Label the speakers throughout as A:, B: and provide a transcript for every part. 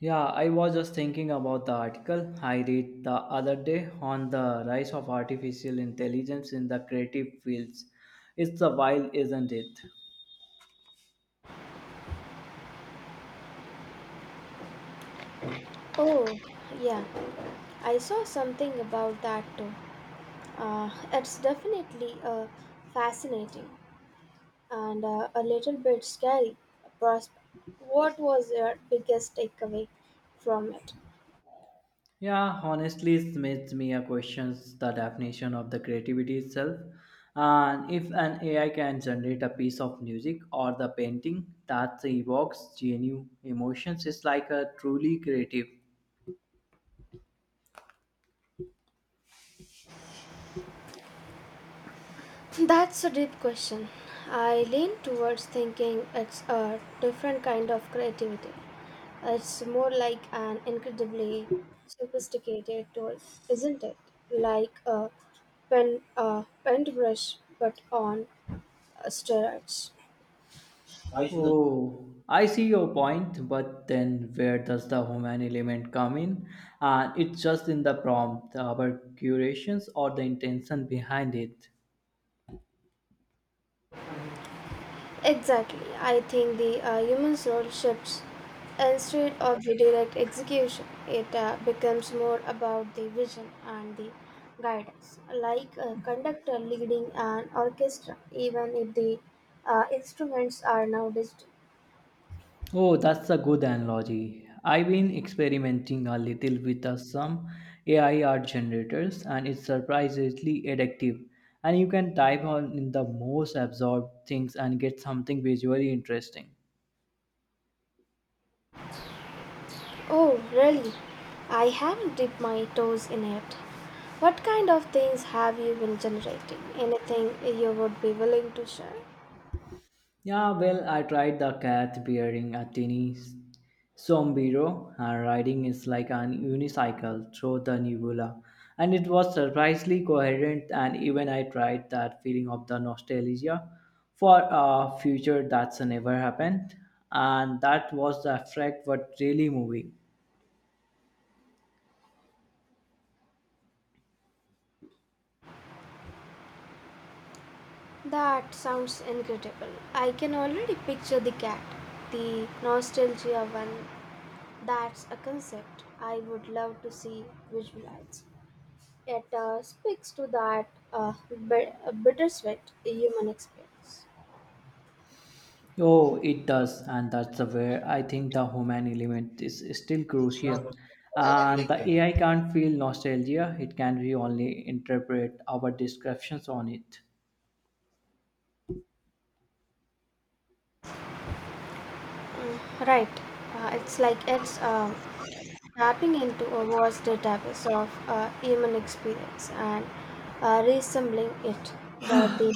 A: Yeah, I was just thinking about the article I read the other day on the rise of artificial intelligence in the creative fields. It's a while, isn't it?
B: Oh, yeah. I saw something about that too. It's definitely a fascinating and a little bit scary prospect. What was your biggest takeaway from it?
A: Yeah, honestly, it makes me a questions the definition of the creativity itself. And if an AI can generate a piece of music or the painting that evokes genuine emotions, it's like a truly creative.
B: That's a deep question. I lean towards thinking it's a different kind of creativity. It's more like an incredibly sophisticated tool, isn't it? Like a pen, a paintbrush, but on steroids.
A: Oh, I see your point, but then where does the human element come in? It's just in the prompt, our curations, or the intention behind it.
B: Exactly. I think the human role shifts instead of the direct execution. It becomes more about the vision and the guidance, like a conductor leading an orchestra, even if the instruments are now digital.
A: Oh, that's a good analogy. I've been experimenting a little with some AI art generators, and it's surprisingly addictive. And you can type on in the most absorbed things and get something visually interesting.
B: Oh, really? I haven't dipped my toes in it. What kind of things have you been generating? Anything you would be willing to share?
A: Yeah, well, I tried the cat bearing a tiny sombrero and riding is like an unicycle through the nebula. And it was surprisingly coherent, and even I tried that feeling of the nostalgia for a future that's never happened. And that was the effect what really moving.
B: That sounds incredible. I can already picture the cat, the nostalgia one. That's a concept I would love to see visualized. It speaks to that bittersweet human experience.
A: Oh, it does, and that's the where I think the human element is still crucial. And the
B: Mm,
A: AI can't feel nostalgia; it can be only interpret our descriptions on it.
B: right. It's like it's tapping into a vast database of human experience and resembling it. But the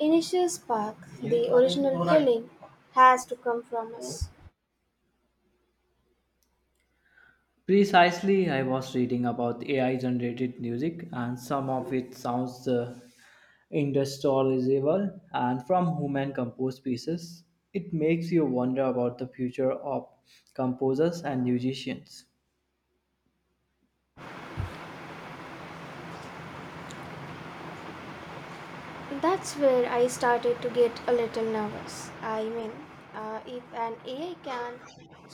B: initial spark, the original feeling, has to come from us.
A: Precisely, I was reading about AI-generated music, and some of it sounds indescribable. And from human-composed pieces, it makes you wonder about the future of composers and musicians.
B: That's where I started to get a little nervous. I mean, if an AI can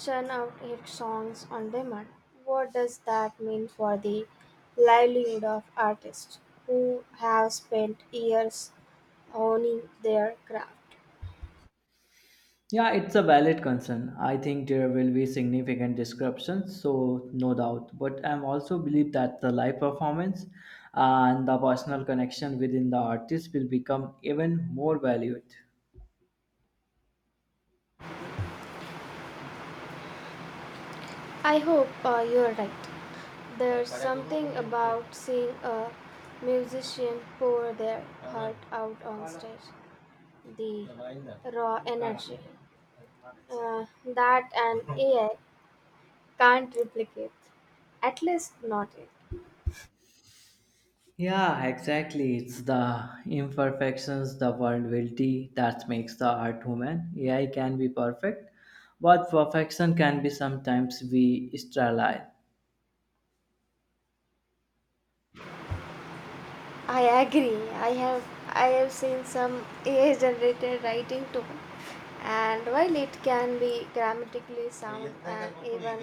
B: churn out hit songs on demand, what does that mean for the livelihood of artists who have spent years honing their craft?
A: Yeah, it's a valid concern. I think there will be significant disruptions, so no doubt. But I'm also believe that the live performance and the personal connection within the artist will become even more valued.
B: I hope you're right. There's something about seeing a musician pour their heart out on stage. The raw energy uh, that an AI can't replicate, at least not yet.
A: Yeah, exactly. It's the imperfections, the vulnerability that makes the art human. AI can be perfect, but perfection can be sometimes be sterile.
B: I agree. I have seen some AI generated writing too. And while it can be grammatically sound and even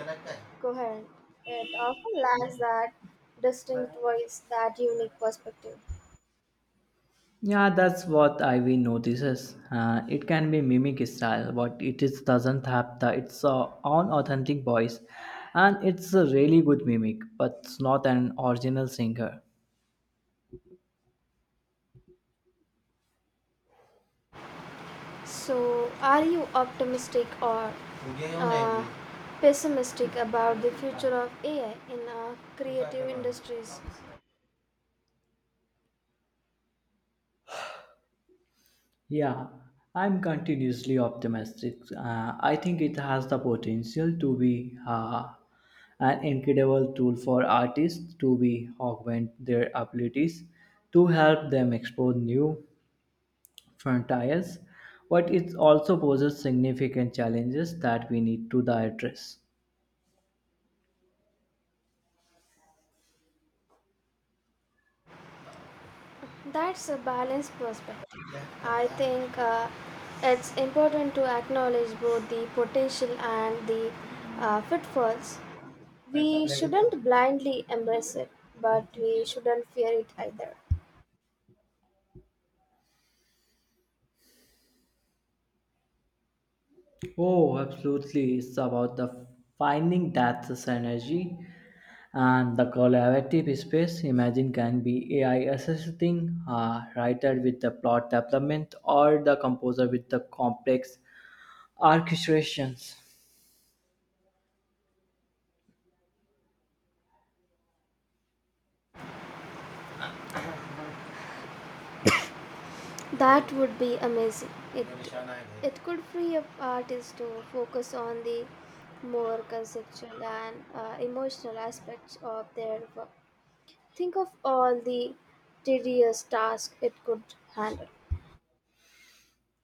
B: coherent, it often lacks that distinct voice, that unique perspective.
A: Yeah, that's what Ivy notices. It can be mimic style, but it is doesn't have the its own authentic voice, and it's a really good mimic, but it's not an original singer.
B: So, are you optimistic or uh, pessimistic about the future of AI in creative industries?
A: Yeah, I'm continuously optimistic. I think it has the potential to be an incredible tool for artists to be augment their abilities, to help them explore new front tires, but it also poses significant challenges that we need to the address.
B: That's a balanced perspective. Yeah. I think it's important to acknowledge both the potential and the pitfalls. We shouldn't blindly embrace it, but we shouldn't fear it either.
A: Oh, absolutely. It's about the finding that synergy and the collaborative space. Imagine can be AI assisting a writer with the plot development or the composer with the complex orchestrations.
B: That would be amazing. It could free up artists to focus on the more conceptual and emotional aspects of their work. Think of all the tedious tasks it could handle.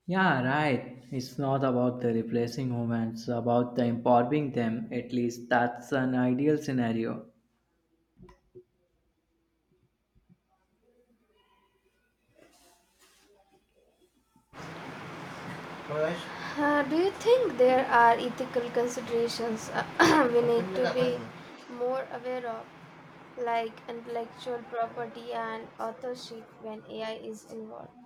A: Yeah, right. It's not about the replacing humans, about the empowering them. At least that's an ideal scenario.
B: Otherwise, do you think there are ethical considerations we need to be more aware of, like intellectual property and authorship when AI is involved?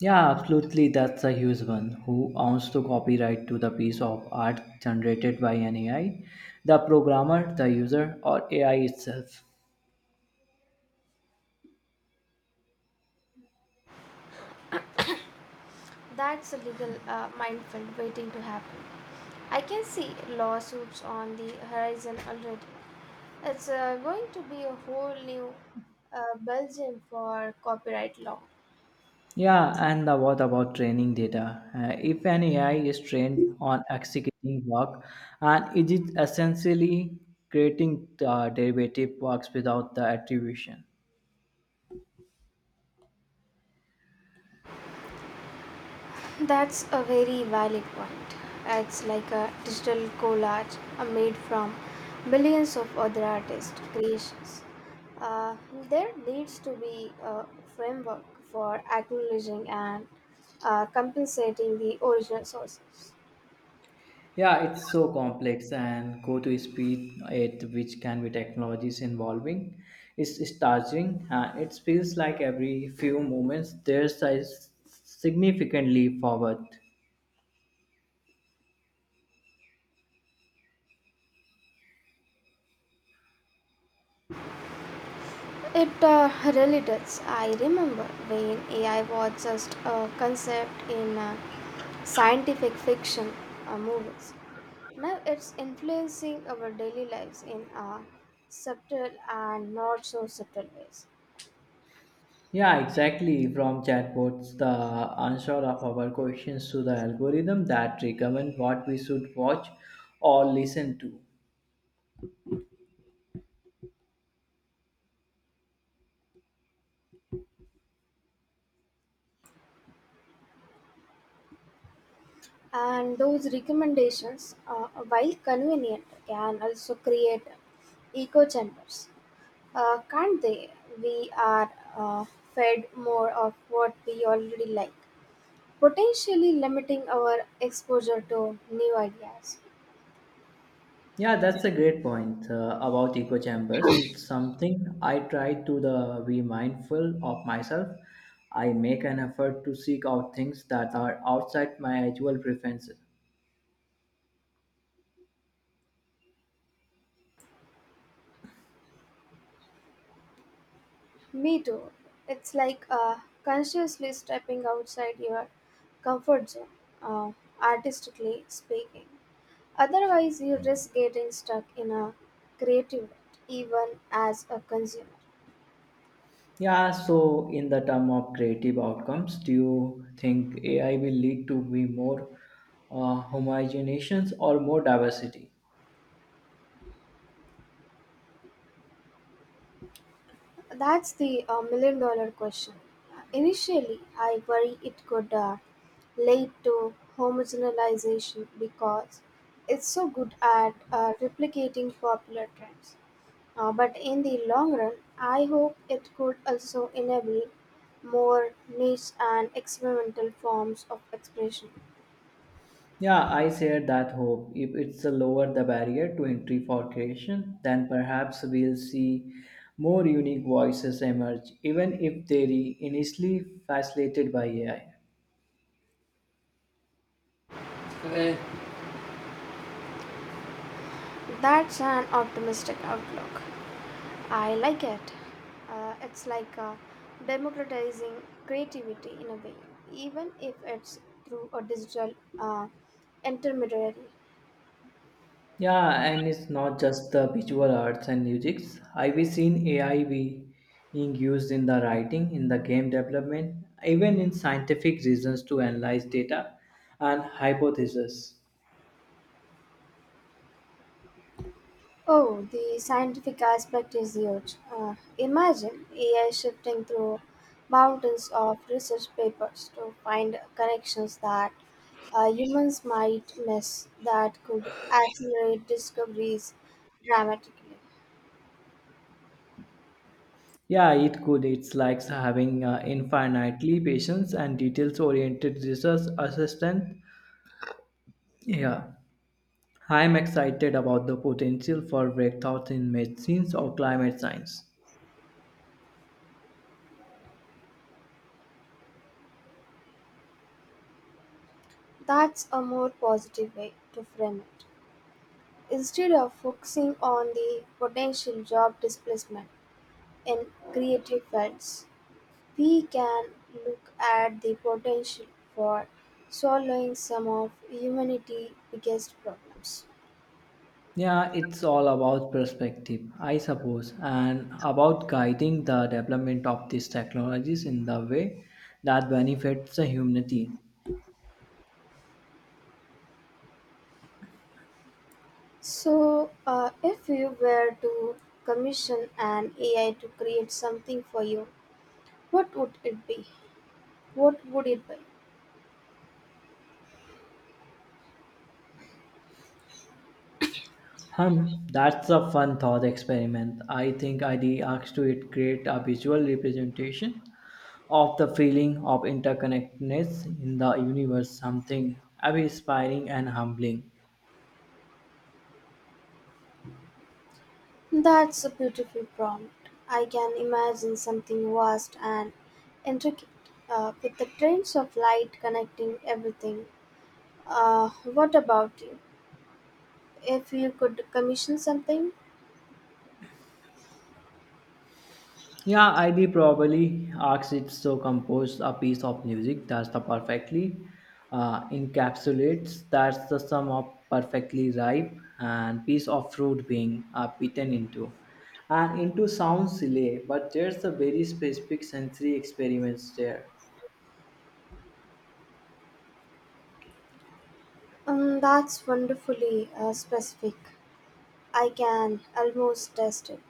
A: Yeah, absolutely. That's a huge one. Who owns the copyright to the piece of art generated by an AI? The programmer, the user, or AI itself?
B: That's a legal minefield waiting to happen. I can see lawsuits on the horizon already. It's going to be a whole new Belgium for copyright law.
A: Yeah, and the, what about training data? If an AI is trained on executing work, and it is essentially creating the derivative works without the attribution.
B: That's a very valid point. It's like a digital collage made from millions of other artists' creations. Uh, there needs to be a framework for acknowledging and compensating the original sources.
A: Yeah, it's so complex and go to speed at which can be technologies involving. It's starting and it feels like every few moments there's a significant leap forward.
B: It really does. I remember when AI was just a concept in scientific fiction movies. Now it's influencing our daily lives in subtle and not so subtle ways.
A: Yeah, exactly. From chatbots, the answer of our questions to the algorithm that recommend what we should watch or listen to.
B: And those recommendations, while convenient, can also create echo chambers. Can't they? We are uh, fed more of what we already like potentially limiting our exposure to new ideas.
A: Yeah, that's a great point about echo chambers. It's something I try to the be mindful of myself. I make an effort to seek out things that are outside my usual preferences.
B: Me too. It's like consciously stepping outside your comfort zone, uh, artistically speaking. Otherwise, you risk getting stuck in a creative rut, even as a consumer.
A: Yeah, so in the term of creative outcomes, do you think AI will lead to be more homogenizations or more diversity?
B: That's the million dollar question. Initially, I worry it could lead to homogenization because it's so good at replicating popular trends. But in the long run, I hope it could also enable more niche and experimental forms of expression.
A: Yeah, I share that hope. If it's a lower the barrier to entry for creation, then perhaps we'll see more unique voices emerge, even if they're initially fascinated by AI.
B: Eh, That's an optimistic outlook. I like it. It's like democratizing creativity in a way, even if it's through a digital intermediary.
A: Yeah, and it's not just the visual arts and music. I've seen being used in the writing, in the game development, even in scientific reasons to analyze data and hypotheses.
B: Oh, the scientific aspect is huge. Imagine AI shifting through mountains of research papers to find connections that humans might miss that could accelerate discoveries dramatically.
A: Yeah, it could. It's like having infinitely patience and details-oriented research assistant. Yeah, I'm excited about the potential for breakthroughs in medicines or climate science.
B: That's a more positive way to frame it. Instead of focusing on the potential job displacement in creative fields, we can look at the potential for solving some of humanity's biggest problems.
A: Yeah, it's all about perspective, I suppose, and about guiding the development of these technologies in the way that benefits the humanity.
B: So, if you were to commission an AI to create something for you, what would it be? What would it be?
A: Hum, that's a fun thought experiment. I think I asked to it create a visual representation of the feeling of interconnectedness in the universe, something awe inspiring and humbling.
B: That's a beautiful prompt. I can imagine something vast and intricate, with the trains of light connecting everything. Uh, what about you? If you could commission something,
A: Yeah, I'd probably ask it to compose a piece of music that's the perfectly encapsulates that's the sum of perfectly ripe and piece of fruit being bitten into. And into sounds silly, but there's a very specific sensory experience there.
B: that's wonderfully specific. I can almost taste it.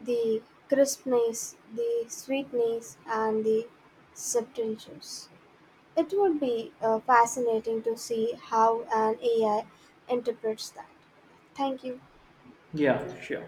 B: The crispness, the sweetness, and the subtleness. It would be fascinating to see how an AI interprets that. Thank you.
A: Yeah, sure.